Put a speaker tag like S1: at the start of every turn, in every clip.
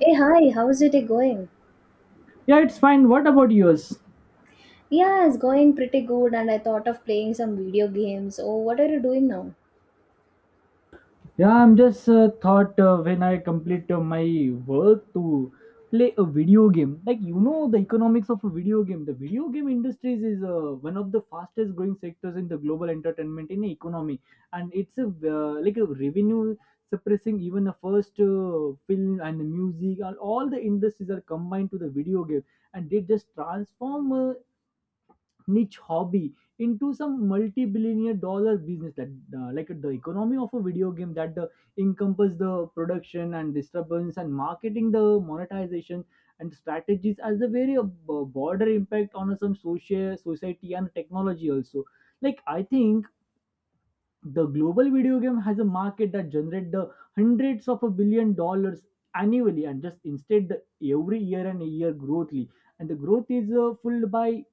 S1: Hey, hi, how's it going?
S2: Yeah, it's fine. What about yours?
S1: Yeah, it's going pretty good, and I thought of playing some video games. Oh, what are you doing now?
S2: Yeah, I'm just thought when I complete my work to play a video game. Like you know the economics of a video game. The video game industries is one of the fastest growing sectors in the global entertainment in the economy, and it's a revenue suppressing even the first film and the music and all the industries are combined to the video game, and they just transform niche hobby into some multi-billionaire dollar business that like the economy of a video game that the encompass the production and disturbance and marketing the monetization and strategies as a very broader impact on some social society and technology also. Like I think the global video game has a market that generate the hundreds of $1 billion annually and just instead the every year and year growthly. And the growth is fueled by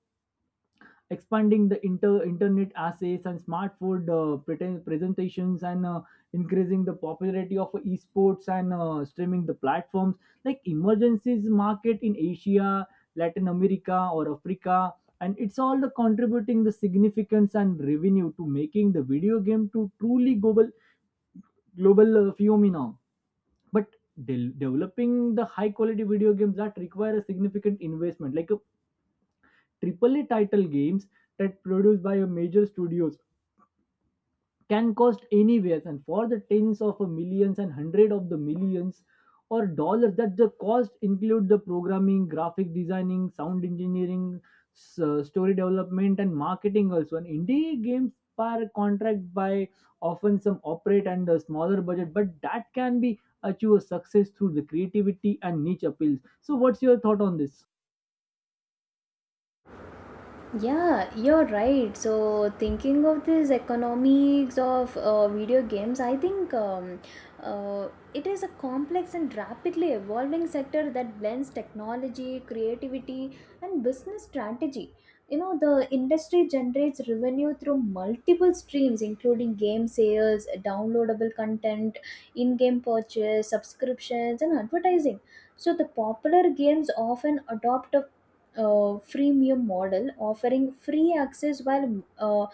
S2: expanding the internet assays and smart food presentations and increasing the popularity of esports and streaming the platforms like emergencies market in Asia, Latin America or Africa, and it's all the contributing the significance and revenue to making the video game to truly global, global phenomenon. But developing the high quality video games that require a significant investment like a Triple A title games that produced by a major studios can cost anywhere and for the tens of millions and hundred of the millions or dollars that the cost include the programming, graphic designing, sound engineering, story development and marketing also, and indie games per contract by often some operate and a smaller budget but that can be achieve a success through the creativity and niche appeals. So what's your thought on this?
S1: Yeah, you're right. So, thinking of this economics of video games, I think uh, it is a complex and rapidly evolving sector that blends technology, creativity, and business strategy. You know, the industry generates revenue through multiple streams, including game sales, downloadable content, in game purchase, subscriptions, and advertising. So, the popular games often adopt a freemium model, offering free access while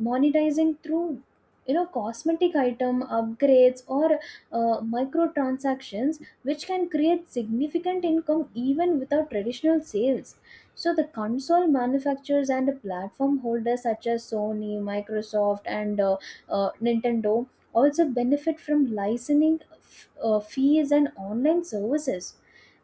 S1: monetizing through, you know, cosmetic item upgrades or microtransactions, which can create significant income even without traditional sales. So the console manufacturers and platform holders, such as Sony, Microsoft, and Nintendo, also benefit from licensing fees and online services.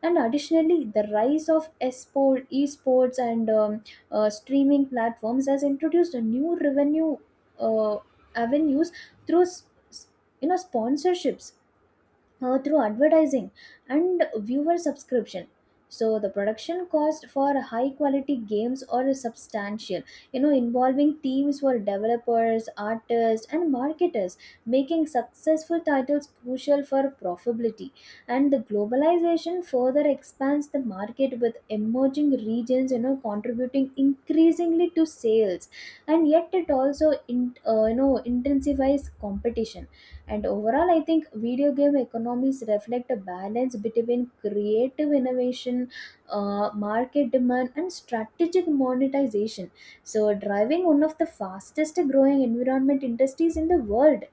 S1: And additionally, the rise of esports and streaming platforms has introduced a new revenue uh, avenues through s- you know, sponsorships, through advertising and viewer subscription. So the production cost for high quality games are substantial, you know, involving teams for developers, artists, and marketers, making successful titles crucial for profitability. And the globalization further expands the market, with emerging regions, you know, contributing increasingly to sales, and yet it also you know, intensifies competition. And overall, I think video game economies reflect a balance between creative innovation, market demand, and strategic monetization. So, driving one of the fastest growing environment industries in the world.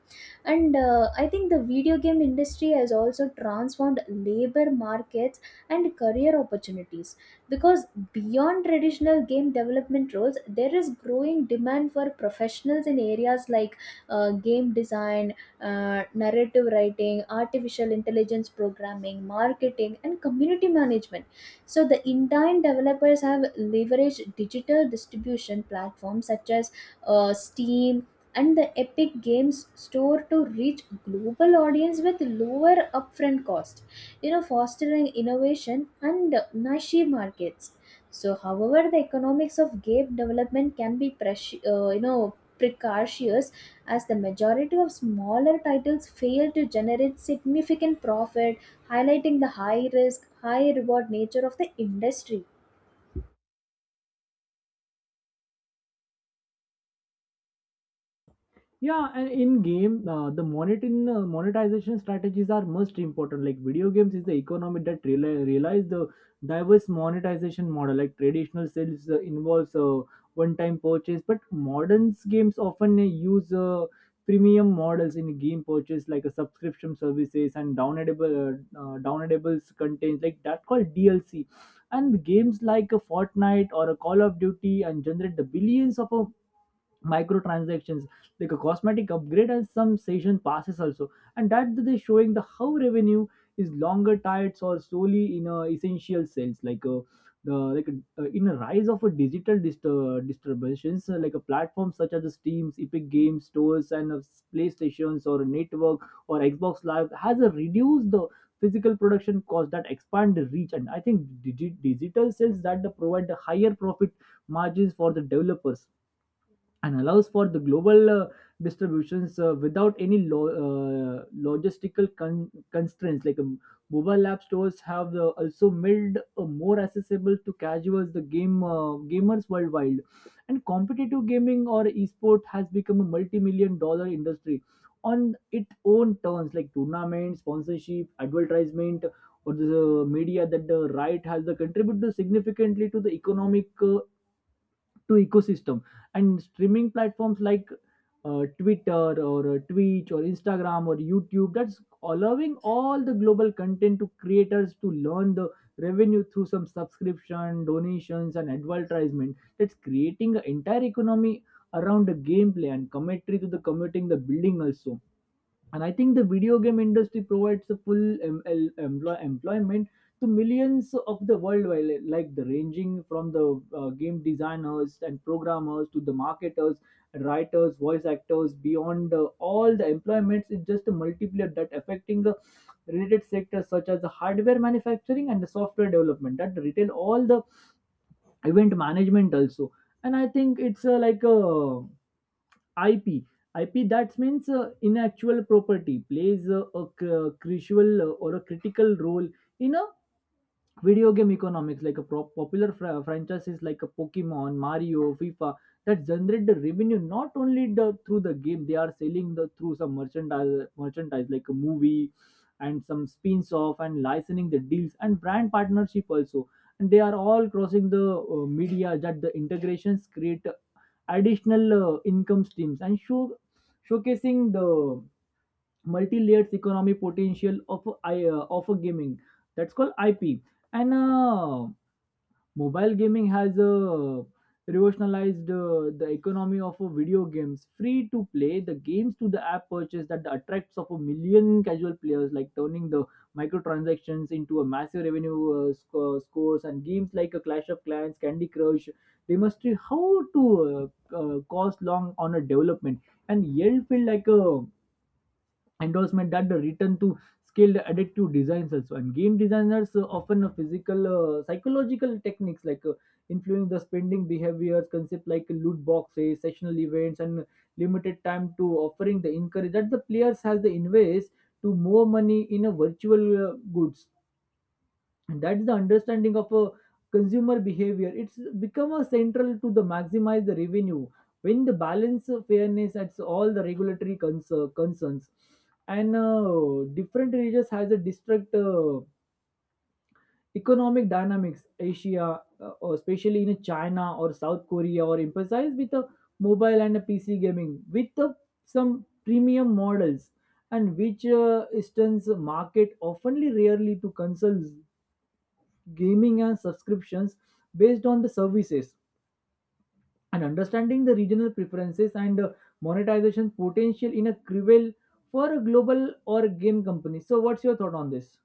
S1: And I think the video game industry has also transformed labor markets and career opportunities, because beyond traditional game development roles, there is growing demand for professionals in areas like game design, narrative writing, artificial intelligence programming, marketing, and community management. So the Indian developers have leveraged digital distribution platforms, such as Steam and the Epic Games Store, to reach global audience with lower upfront cost, you know, fostering innovation and niche markets. So, however, the economics of game development can be you know, precarious, as the majority of smaller titles fail to generate significant profit, highlighting the high risk, high reward nature of the industry.
S2: Yeah, and in game, the monetin monetization strategies are most important. Like video games is the economy that realize the diverse monetization model. Like traditional sales involves one-time purchase, but modern games often use premium models in game purchase, like a subscription services and downloadable downloadables content, like that called DLC. And games like a Fortnite or a Call of Duty and generate the billions of microtransactions like a cosmetic upgrade and some season passes also, and that they showing the how revenue is longer tied or solely in a essential sales. Like in a rise of a digital disturbances like a platform such as the steams, epic games stores and playstations or network or xbox live has reduced the physical production cost that expand the reach. And I think digital sales that provide the higher profit margins for the developers and allows for the global distributions without any logistical constraints. Like mobile app stores have also made more accessible to casuals the game gamers worldwide, and competitive gaming or esport has become a multi-$1 million industry on its own terms, like tournaments, sponsorship, advertisement. Or the media that the right has the contributed significantly to the economic to ecosystem. And streaming platforms like twitter or twitch or instagram or youtube that's allowing all the global content to creators to learn the revenue through some subscription, donations and advertisement that's creating an entire economy around the gameplay and commentary to the commuting the building also. And I think the video game industry provides a full employment to millions of the worldwide, like the ranging from the game designers and programmers to the marketers, writers, voice actors beyond all the employments. It's just a multiplier that affecting the related sectors such as the hardware manufacturing and the software development, that retail all the event management also. And I think it's like a ip IP, that means intellectual property, plays a cr- crucial or a critical role in a video game economics, like a popular franchises like a pokemon, mario, fifa, that generate the revenue not only the through the game, they are selling the through some merchandise like a movie and some spins off and licensing the deals and brand partnership also. And they are all crossing the media that the integrations create additional income streams and showcasing the multi-layered economy potential of I of a gaming, that's called IP. And mobile gaming has revolutionized the economy of video games, free to play the games to the app purchase that attracts of a million casual players, like turning the microtransactions into a massive revenue scores. And games like a clash of clans, candy crush demonstrate how to cost long on a development, and yell feel like a endorsement that the return to skilled adaptive designs also. And game designers often physical psychological techniques like influencing the spending behaviors concept like loot boxes, sessional events and limited time to offering the encourage that the players has the invest to more money in a virtual goods. And that's the understanding of a consumer behavior, it's become a central to the maximize the revenue when the balance of fairness at all the regulatory concerns. And different regions has a distinct economic dynamics. Asia or especially in china or south korea or emphasize with a mobile and a pc gaming with some premium models, and which instance market oftenly rarely to consoles gaming and subscriptions based on the services. And understanding the regional preferences and monetization potential in a cruel for a global or game company. So what's your thought on this?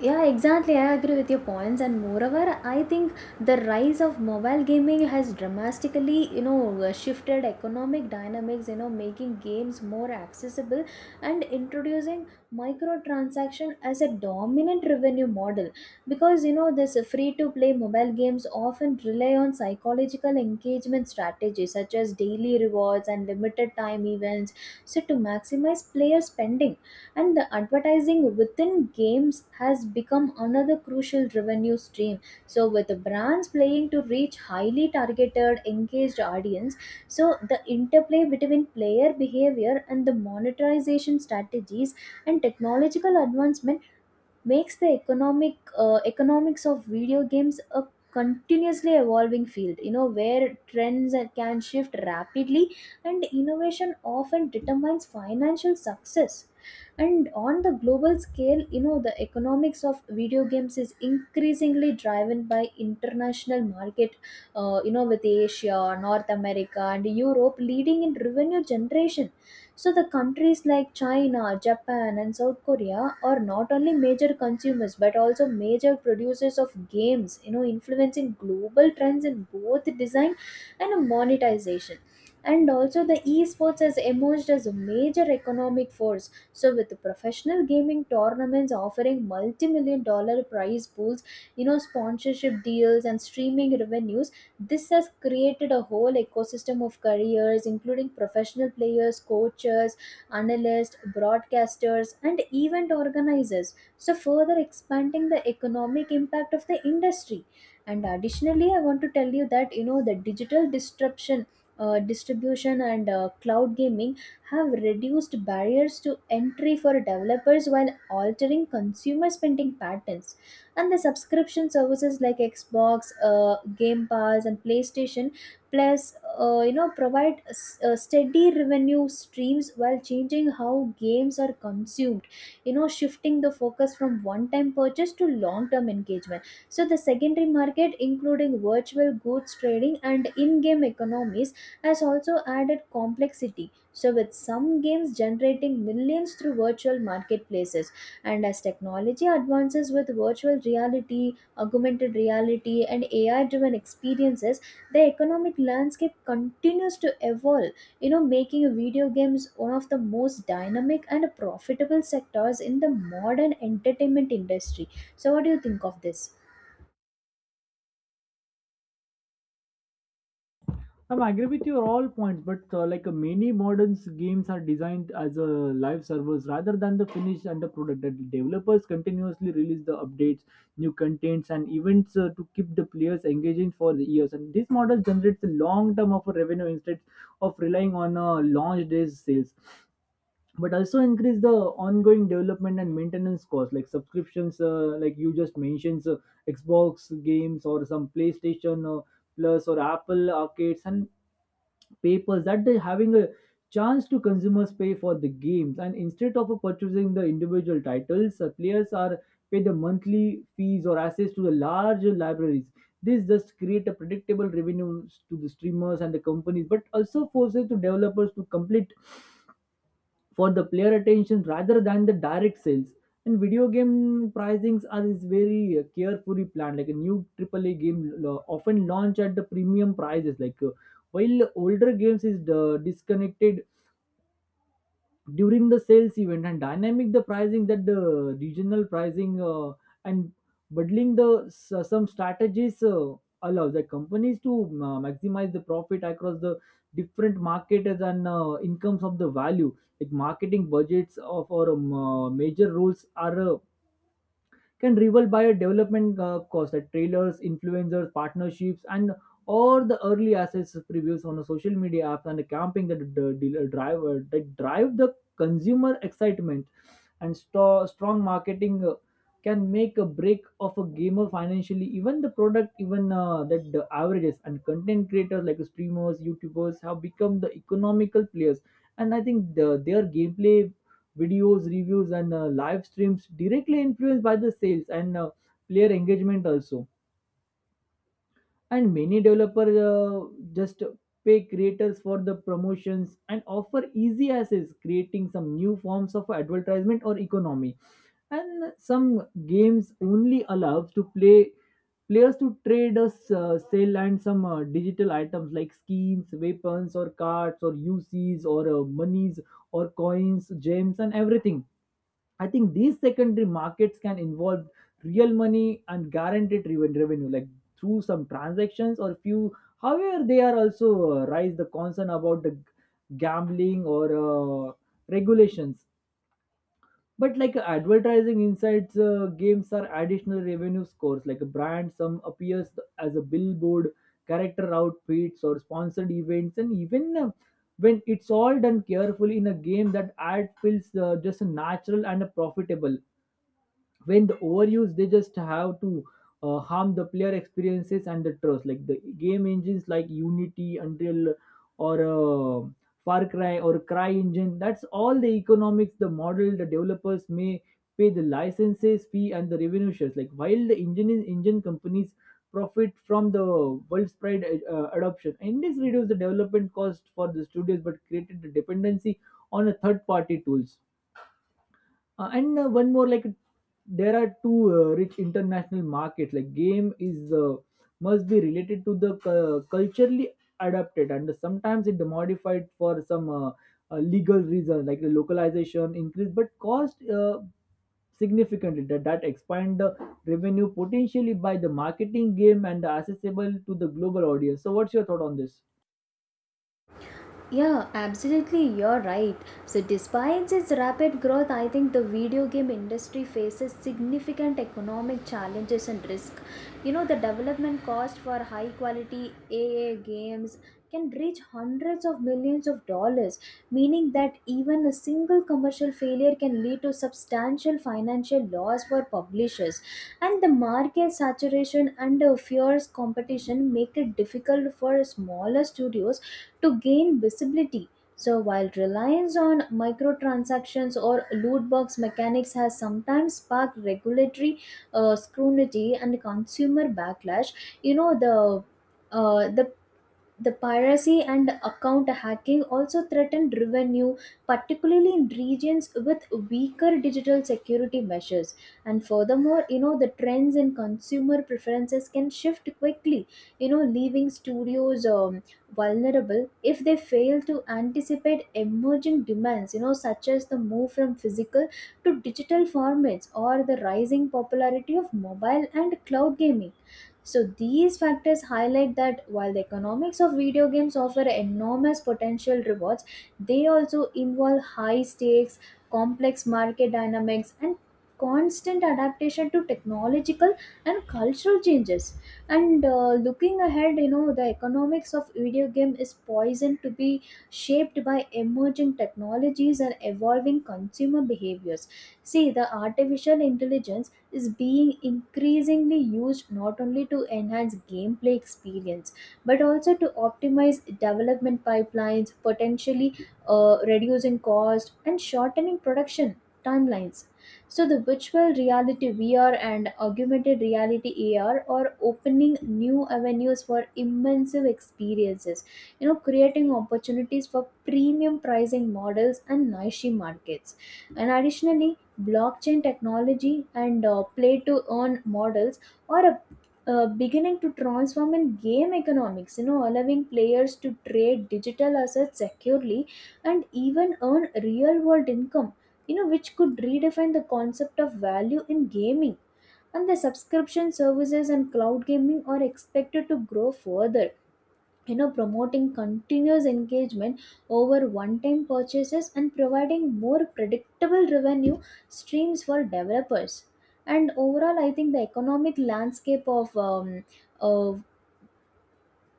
S1: Yeah, exactly. I agree with your points, and moreover, I think the rise of mobile gaming has dramatically, you know, shifted economic dynamics, you know, making games more accessible and introducing microtransaction as a dominant revenue model. Because, you know, this free-to-play mobile games often rely on psychological engagement strategies, such as daily rewards and limited time events, so to maximize player spending. And the advertising within games has become another crucial revenue stream, so with the brands playing to reach highly targeted engaged audience. So the interplay between player behavior and the monetization strategies and technological advancement makes the economics of video games a continuously evolving field, you know, where trends can shift rapidly and innovation often determines financial success. And on the global scale, you know, the economics of video games is increasingly driven by international market, you know, with Asia, North America, and Europe leading in revenue generation. So the countries like China, Japan, and South Korea are not only major consumers but also major producers of games, you know, influencing global trends in both design and monetization. And also, the esports has emerged as a major economic force. So, with the professional gaming tournaments offering multi million dollar prize pools, you know, sponsorship deals, and streaming revenues, this has created a whole ecosystem of careers, including professional players, coaches, analysts, broadcasters, and event organizers, so further expanding the economic impact of the industry. And additionally, I want to tell you that, you know, the digital disruption. Distribution and cloud gaming have reduced barriers to entry for developers while altering consumer spending patterns. And the subscription services like Xbox Game Pass and PlayStation Plus, you know, provide steady revenue streams while changing how games are consumed, you know, shifting the focus from one time purchase to long term engagement. So the secondary market, including virtual goods trading and in game economies, has also added complexity, so with some games generating millions through virtual marketplaces. And as technology advances with virtual reality, augmented reality, and AI driven experiences, the economic landscape continues to evolve, you know, making video games one of the most dynamic and profitable sectors in the modern entertainment industry. So, what do you think of this?
S2: I'm agree with your all points, but many modern games are designed as a live service rather than the finished and the product. The developers continuously release the updates, new contents, and events to keep the players engaging for the years. And this model generates a long term of a revenue instead of relying on launch days sales, but also increase the ongoing development and maintenance costs like subscriptions, like you just mentioned, Xbox games or some PlayStation. Plus or Apple arcades and papers that they're having a chance to consumers pay for the games, and instead of purchasing the individual titles, players are paid the monthly fees or access to the larger libraries. This just create a predictable revenue to the streamers and the companies but also forces to developers to complete for the player attention rather than the direct sales. And video game pricings are is very carefully planned. Like a new AAA game often launch at the premium prices. Like while older games is disconnected during the sales event, and dynamic the pricing that the regional pricing and bundling the some strategies allow the companies to maximize the profit across the different markets and incomes of the value. Like marketing budgets of our major roles are can rival by a development cost like trailers, influencers, partnerships and or the early assets previews on the social media apps, and the camping that the dealer driver that drive the consumer excitement. And strong marketing can make a break of a gamer financially even the product, even that the averages. And content creators like streamers, youtubers have become the economical players. And I think their gameplay videos, reviews, and live streams directly influenced by the sales and player engagement also. And many developers just pay creators for the promotions and offer easy access, creating some new forms of advertisement or economy. And some games only allows to play players to trade us sell and some digital items like skins, weapons or cards or ucs or monies or coins, gems and everything. I think these secondary markets can involve real money and guaranteed revenue, like through some transactions or few. However, they are also raise the concern about the gambling or regulations. But like advertising insights, games are additional revenue scores. Like a brand, some appears as a billboard, character outfits, or sponsored events, and even when it's all done carefully in a game, that ad feels just natural and profitable when the overuse they just have to harm the player experiences and the trust like the game engines like Unity, Unreal, or Far Cry or cry engine that's all the economics, the model. The developers may pay the licenses fee and the revenue shares, like while the engine companies profit from the widespread adoption, and this reduced the development cost for the studios but created the dependency on a third party tools, and one more like there are two rich international markets. Like game is must be related to the culturally adapted and sometimes it modified for some legal reason. Like the localization increase but cost significantly, that expand the revenue potentially by the marketing game and the accessible to the global audience. So what's your thought on this?
S1: Yeah, absolutely, you're right. So, despite its rapid growth, I think the video game industry faces significant economic challenges and risk. You know, the development cost for high quality AA games can reach hundreds of millions of dollars, meaning that even a single commercial failure can lead to substantial financial loss for publishers. And the market saturation and a fierce competition make it difficult for smaller studios to gain visibility. So, while reliance on microtransactions or loot box mechanics has sometimes sparked regulatory scrutiny and consumer backlash, you know, uh, the the piracy and account hacking also threatened revenue, particularly in regions with weaker digital security measures. And furthermore, you know, the trends in consumer preferences can shift quickly, you know, leaving studios vulnerable if they fail to anticipate emerging demands, you know, such as the move from physical to digital formats or the rising popularity of mobile and cloud gaming. So these factors highlight that while the economics of video games offer enormous potential rewards, they also involve high stakes, complex market dynamics, and constant adaptation to technological and cultural changes. And looking ahead, you know, the economics of video game is poisoned to be shaped by emerging technologies and evolving consumer behaviors. See, the artificial intelligence is being increasingly used not only to enhance gameplay experience but also to optimize development pipelines, potentially reducing cost and shortening production timelines. So, the virtual reality VR and augmented reality AR are opening new avenues for immersive experiences, you know, creating opportunities for premium pricing models and niche markets. And additionally, blockchain technology and play to earn models are beginning to transform in game economics, you know, allowing players to trade digital assets securely and even earn real world income, you know, which could redefine the concept of value in gaming. And the subscription services and cloud gaming are expected to grow further, you know, promoting continuous engagement over one time purchases and providing more predictable revenue streams for developers. And overall, I think the economic landscape of uh,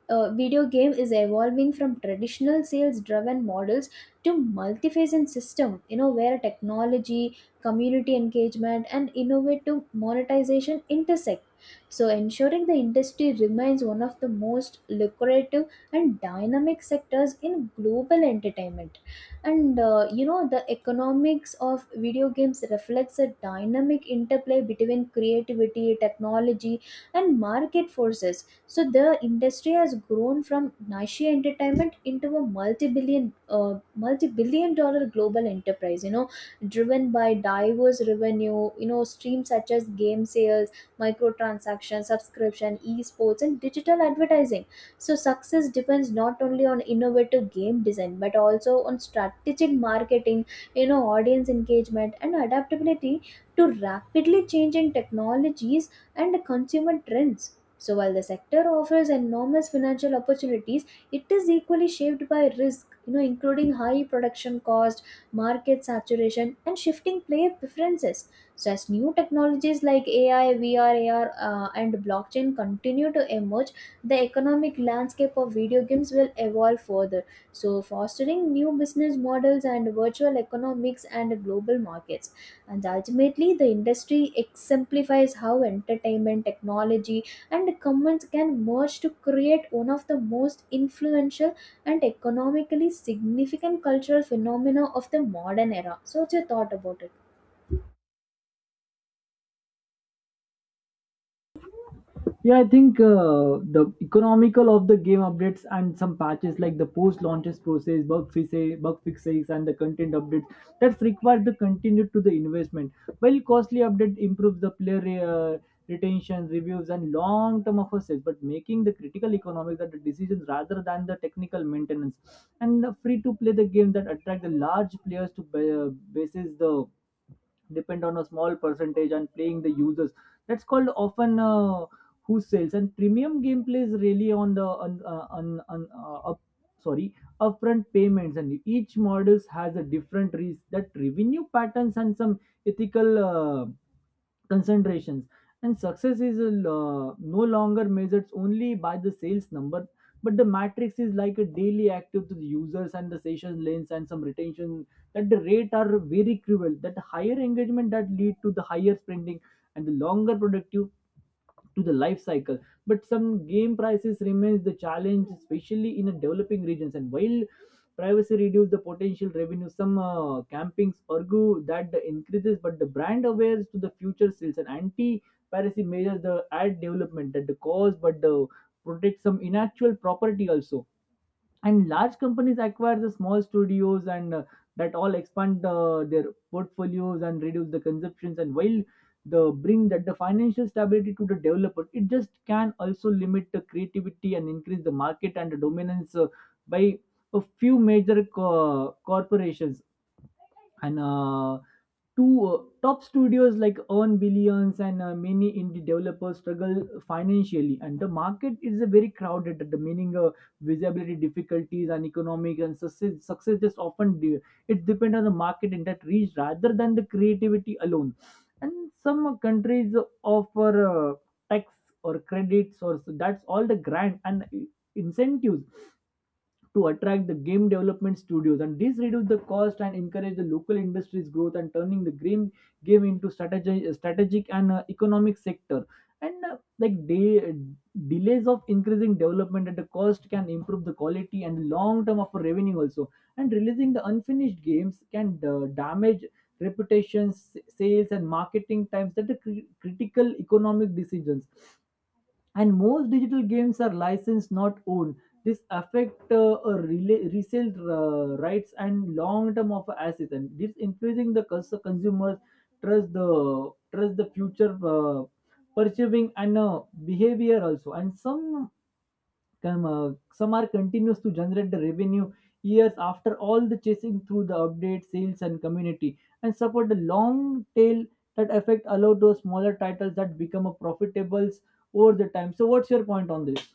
S1: video game is evolving from traditional sales driven models to multi-phase and system, you know, where technology, community engagement, and innovative monetization intersect, so ensuring the industry remains one of the most lucrative and dynamic sectors in global entertainment. And you know, the economics of video games reflects a dynamic interplay between creativity, technology, and market forces. So the industry has grown from niche entertainment into a multi-billion-dollar global enterprise, you know, driven by diverse revenue, you know, streams such as game sales, microtransaction, subscription, esports, and digital advertising. So success depends not only on innovative game design but also on strategic marketing, you know, audience engagement, and adaptability to rapidly changing technologies and consumer trends. So, while the sector offers enormous financial opportunities, it is equally shaped by risk, you know, including high production cost, market saturation, and shifting player preferences. So, as new technologies like AI, VR, AR, and blockchain continue to emerge, the economic landscape of video games will evolve further, so fostering new business models and virtual economics and global markets. And ultimately, the industry exemplifies how entertainment, technology, and comments can merge to create one of the most influential and economically significant cultural phenomena of the modern era. So, what's your thought about it?
S2: Yeah, I think the economical of the game updates and some patches, like the post launches process, bug fixes, and the content updates, that's required the continued to the investment. While costly update improves the player retention, reviews, and long term of assets, but making the critical economics that the decisions rather than the technical maintenance. And free to play the game that attract the large players to basis the depend on a small percentage and playing the users. That's called often. Who sells and premium gameplay is really on the on up, sorry upfront payments, and each models has a different risk that revenue patterns and some ethical concentrations. And success is no longer measured only by the sales number, but the matrix is like a daily active to the users and the session lengths and some retention that the rate are very cruel. That higher engagement that lead to the higher spending and the longer productive to the life cycle. But some game prices remains the challenge, especially in a developing regions. And while privacy reduce the potential revenue, some campings argue that the increases but the brand awares to the future sales, and anti piracy measures the ad development at the cost but the protect some intellectual property also. And large companies acquire the small studios, and that all expand their portfolios and reduce the consumptions. And while the bring that the financial stability to the developer, it just can also limit the creativity and increase the market and the dominance by a few major corporations. And uh, two uh, top studios like earn billions, and many indie developers struggle financially, and the market is a very crowded, the meaning visibility difficulties and economic. And success is often it depends on the market in that reach rather than the creativity alone. And some countries offer tax or credits or so, that's all the grant and incentives to attract the game development studios, and this reduce the cost and encourage the local industry's growth, and turning the game into strategic and economic sector. And like delays of increasing development at the cost can improve the quality and long term of revenue also. And releasing the unfinished games can damage reputations, sales, and marketing times that are critical economic decisions. And most digital games are licensed, not owned. This affect resale rights and long term of assets, and this influencing the consumers trust the future purchasing and behavior also. And some some are continuous to generate the revenue years after all the chasing through the update sales and community and support the long tail that affect allow those smaller titles that become a profitables over the time. So what's your point on this?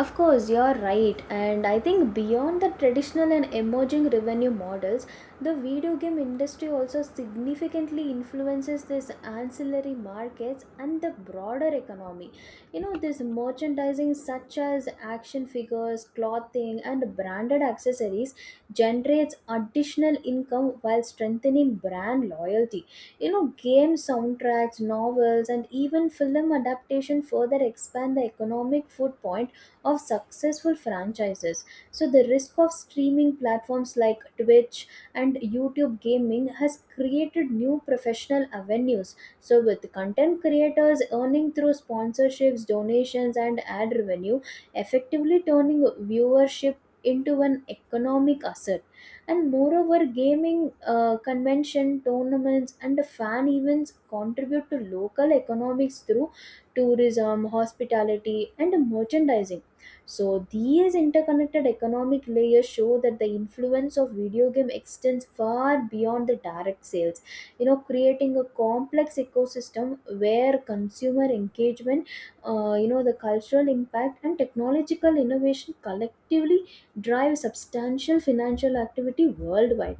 S1: Of course, you're right, and I think beyond the traditional and emerging revenue models, the video game industry also significantly influences this ancillary markets and the broader economy. You know, this merchandising, such as action figures, clothing, and branded accessories, generates additional income while strengthening brand loyalty. You know, game soundtracks, novels, and even film adaptation further expand the economic footprint of successful franchises. So, the risk of streaming platforms like Twitch and YouTube gaming has created new professional avenues. So, with content creators earning through sponsorships, donations, and ad revenue, effectively turning viewership into an economic asset. And moreover, gaming convention tournaments and fan events contribute to local economics through tourism, hospitality, and merchandising. So, these interconnected economic layers show that the influence of video game extends far beyond the direct sales, you know, creating a complex ecosystem where consumer engagement, you know, the cultural impact and technological innovation collectively drive substantial financial activity worldwide.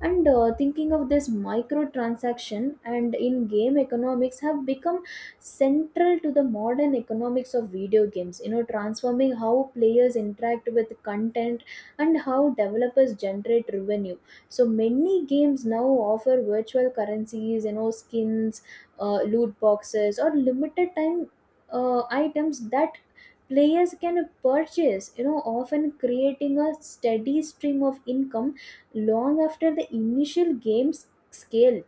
S1: And thinking of this, microtransaction and in game economics have become central to the modern economics of video games, you know, transforming how players interact with content and how developers generate revenue. So many games now offer virtual currencies, you know, skins, loot boxes, or limited time items that players can purchase, you know, often creating a steady stream of income long after the initial scale.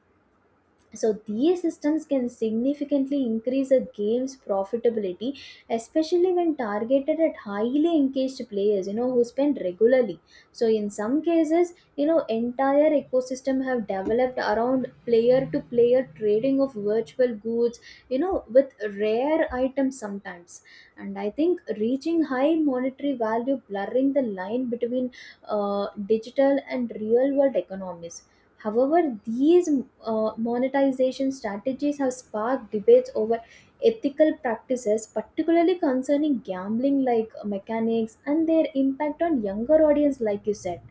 S1: So these systems can significantly increase a game's profitability, especially when targeted at highly engaged players, you know, who spend regularly. So in some cases, you know, entire ecosystem have developed around player to player trading of virtual goods, you know, with rare items sometimes. And I think reaching high monetary value, blurring the line between digital and real world economies. However, these monetization strategies have sparked debates over ethical practices, particularly concerning gambling like mechanics and their impact on younger audience, like you said.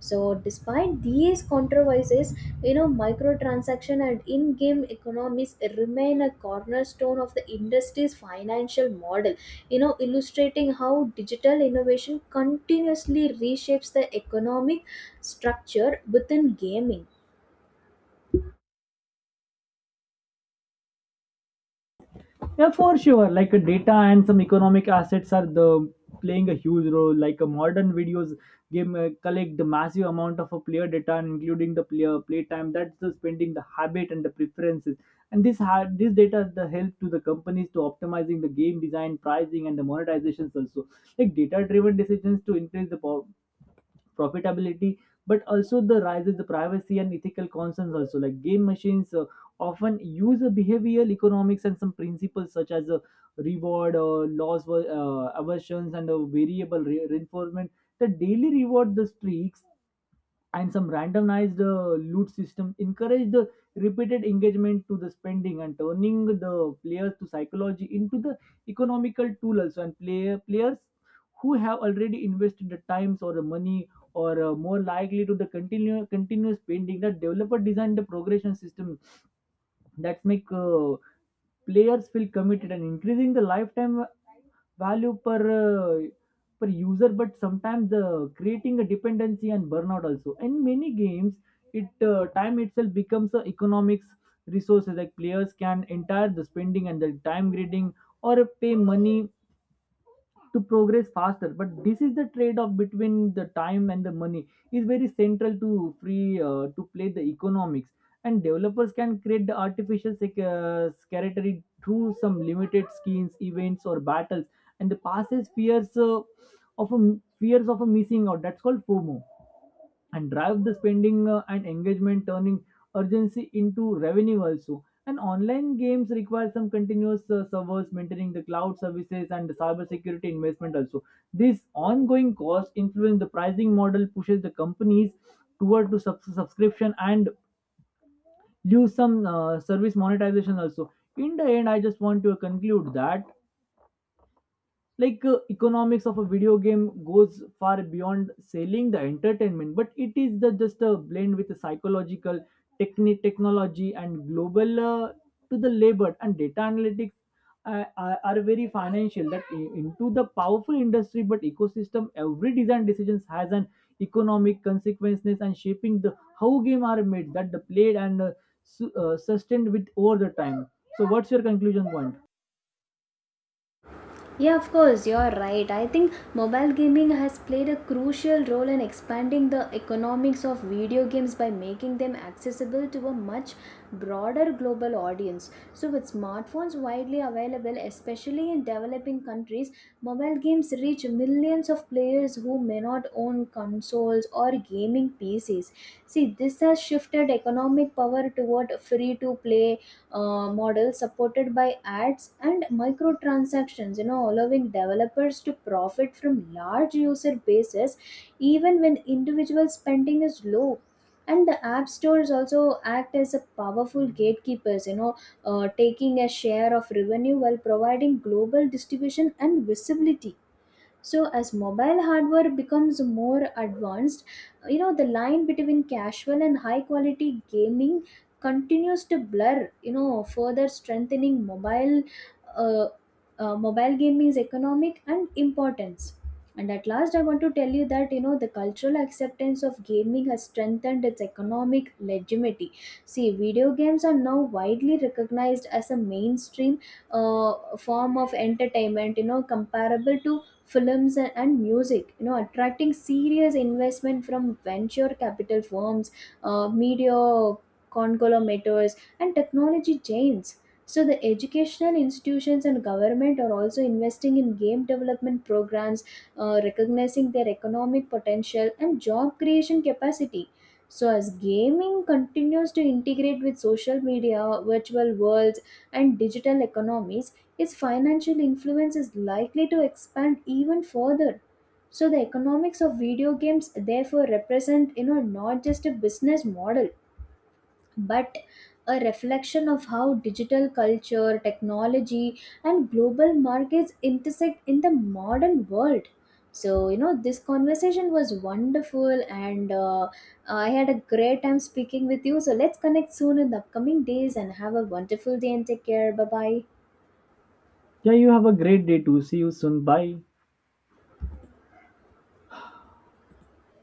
S1: So, despite these controversies, you know, microtransaction and in game economies remain a cornerstone of the industry's financial model, you know, illustrating how digital innovation continuously reshapes the economic structure within gaming.
S2: Yeah, for sure. Like data and some economic assets are the playing a huge role. Like a modern videos game collect the massive amount of a player data, and including the player playtime. That's the spending, the habit, and the preferences. And this data the help to the companies to optimizing the game design, pricing, and the monetizations also. Like data driven decisions to increase the power profitability, but also the rise of the privacy and ethical concerns also. Like game machines often use a behavioral economics and some principles such as a reward, loss aversions, and a variable reinforcement. That daily reward the streaks and some randomized loot system encourage the repeated engagement to the spending, and turning the players to psychology into the economical tool also. And players who have already invested the times or the money or more likely to the continue continuous spending, that developer designed the progression system that make players feel committed and increasing the lifetime value per per user, but sometimes the creating a dependency and burnout also. In many games it time itself becomes a economics resources. Like players can entire the spending and the time grading or pay money to progress faster, but this is the trade off between the time and the money is very central to free to play the economics. And developers can create the artificial scarcity through some limited schemes, events, or battles and the passes of a, fears of a missing out, that's called fomo, and drive the spending and engagement, turning urgency into revenue also. And online games require some continuous servers, maintaining the cloud services and the cybersecurity investment also. This ongoing cost influence the pricing model, pushes the companies toward to subscription and use some service monetization also. In the end I just want to conclude that like economics of a video game goes far beyond selling the entertainment, but it is the just a blend with the psychological technology and global to the labor and data analytics are very financial that into the powerful industry but ecosystem. Every design decisions has an economic consequences and shaping the how game are made that the played and sustained with over the time. So what's your conclusion point?
S1: Yeah, of course, you're right. I think mobile gaming has played a crucial role in expanding the economics of video games by making them accessible to a much broader global audience. So, with smartphones widely available, especially in developing countries, mobile games reach millions of players who may not own consoles or gaming PCs. See, this has shifted economic power toward free to play, model supported by ads and microtransactions, you know, allowing developers to profit from large user bases even when individual spending is low. And the app stores also act as a powerful gatekeepers, you know, taking a share of revenue while providing global distribution and visibility. So as mobile hardware becomes more advanced, you know, the line between casual and high quality gaming continues to blur, you know, further strengthening uh, mobile gaming's economic and importance. And at last, I want to tell you that, you know, the cultural acceptance of gaming has strengthened its economic legitimacy. See, video games are now widely recognized as a mainstream form of entertainment, you know, comparable to films and music, you know, attracting serious investment from venture capital firms, media conglomerates, and technology giants. So the educational institutions and government are also investing in game development programs, recognizing their economic potential and job creation capacity. So as gaming continues to integrate with social media, virtual worlds, and digital economies, its financial influence is likely to expand even further. So the economics of video games therefore represent, you know, not just a business model but a reflection of how digital culture, technology, and global markets intersect in the modern world. So, you know, this conversation was wonderful, and I had a great time speaking with you. So let's connect soon in the upcoming days and have a wonderful day and take care. Bye bye.
S2: Yeah, you have a great day too. See you soon. Bye.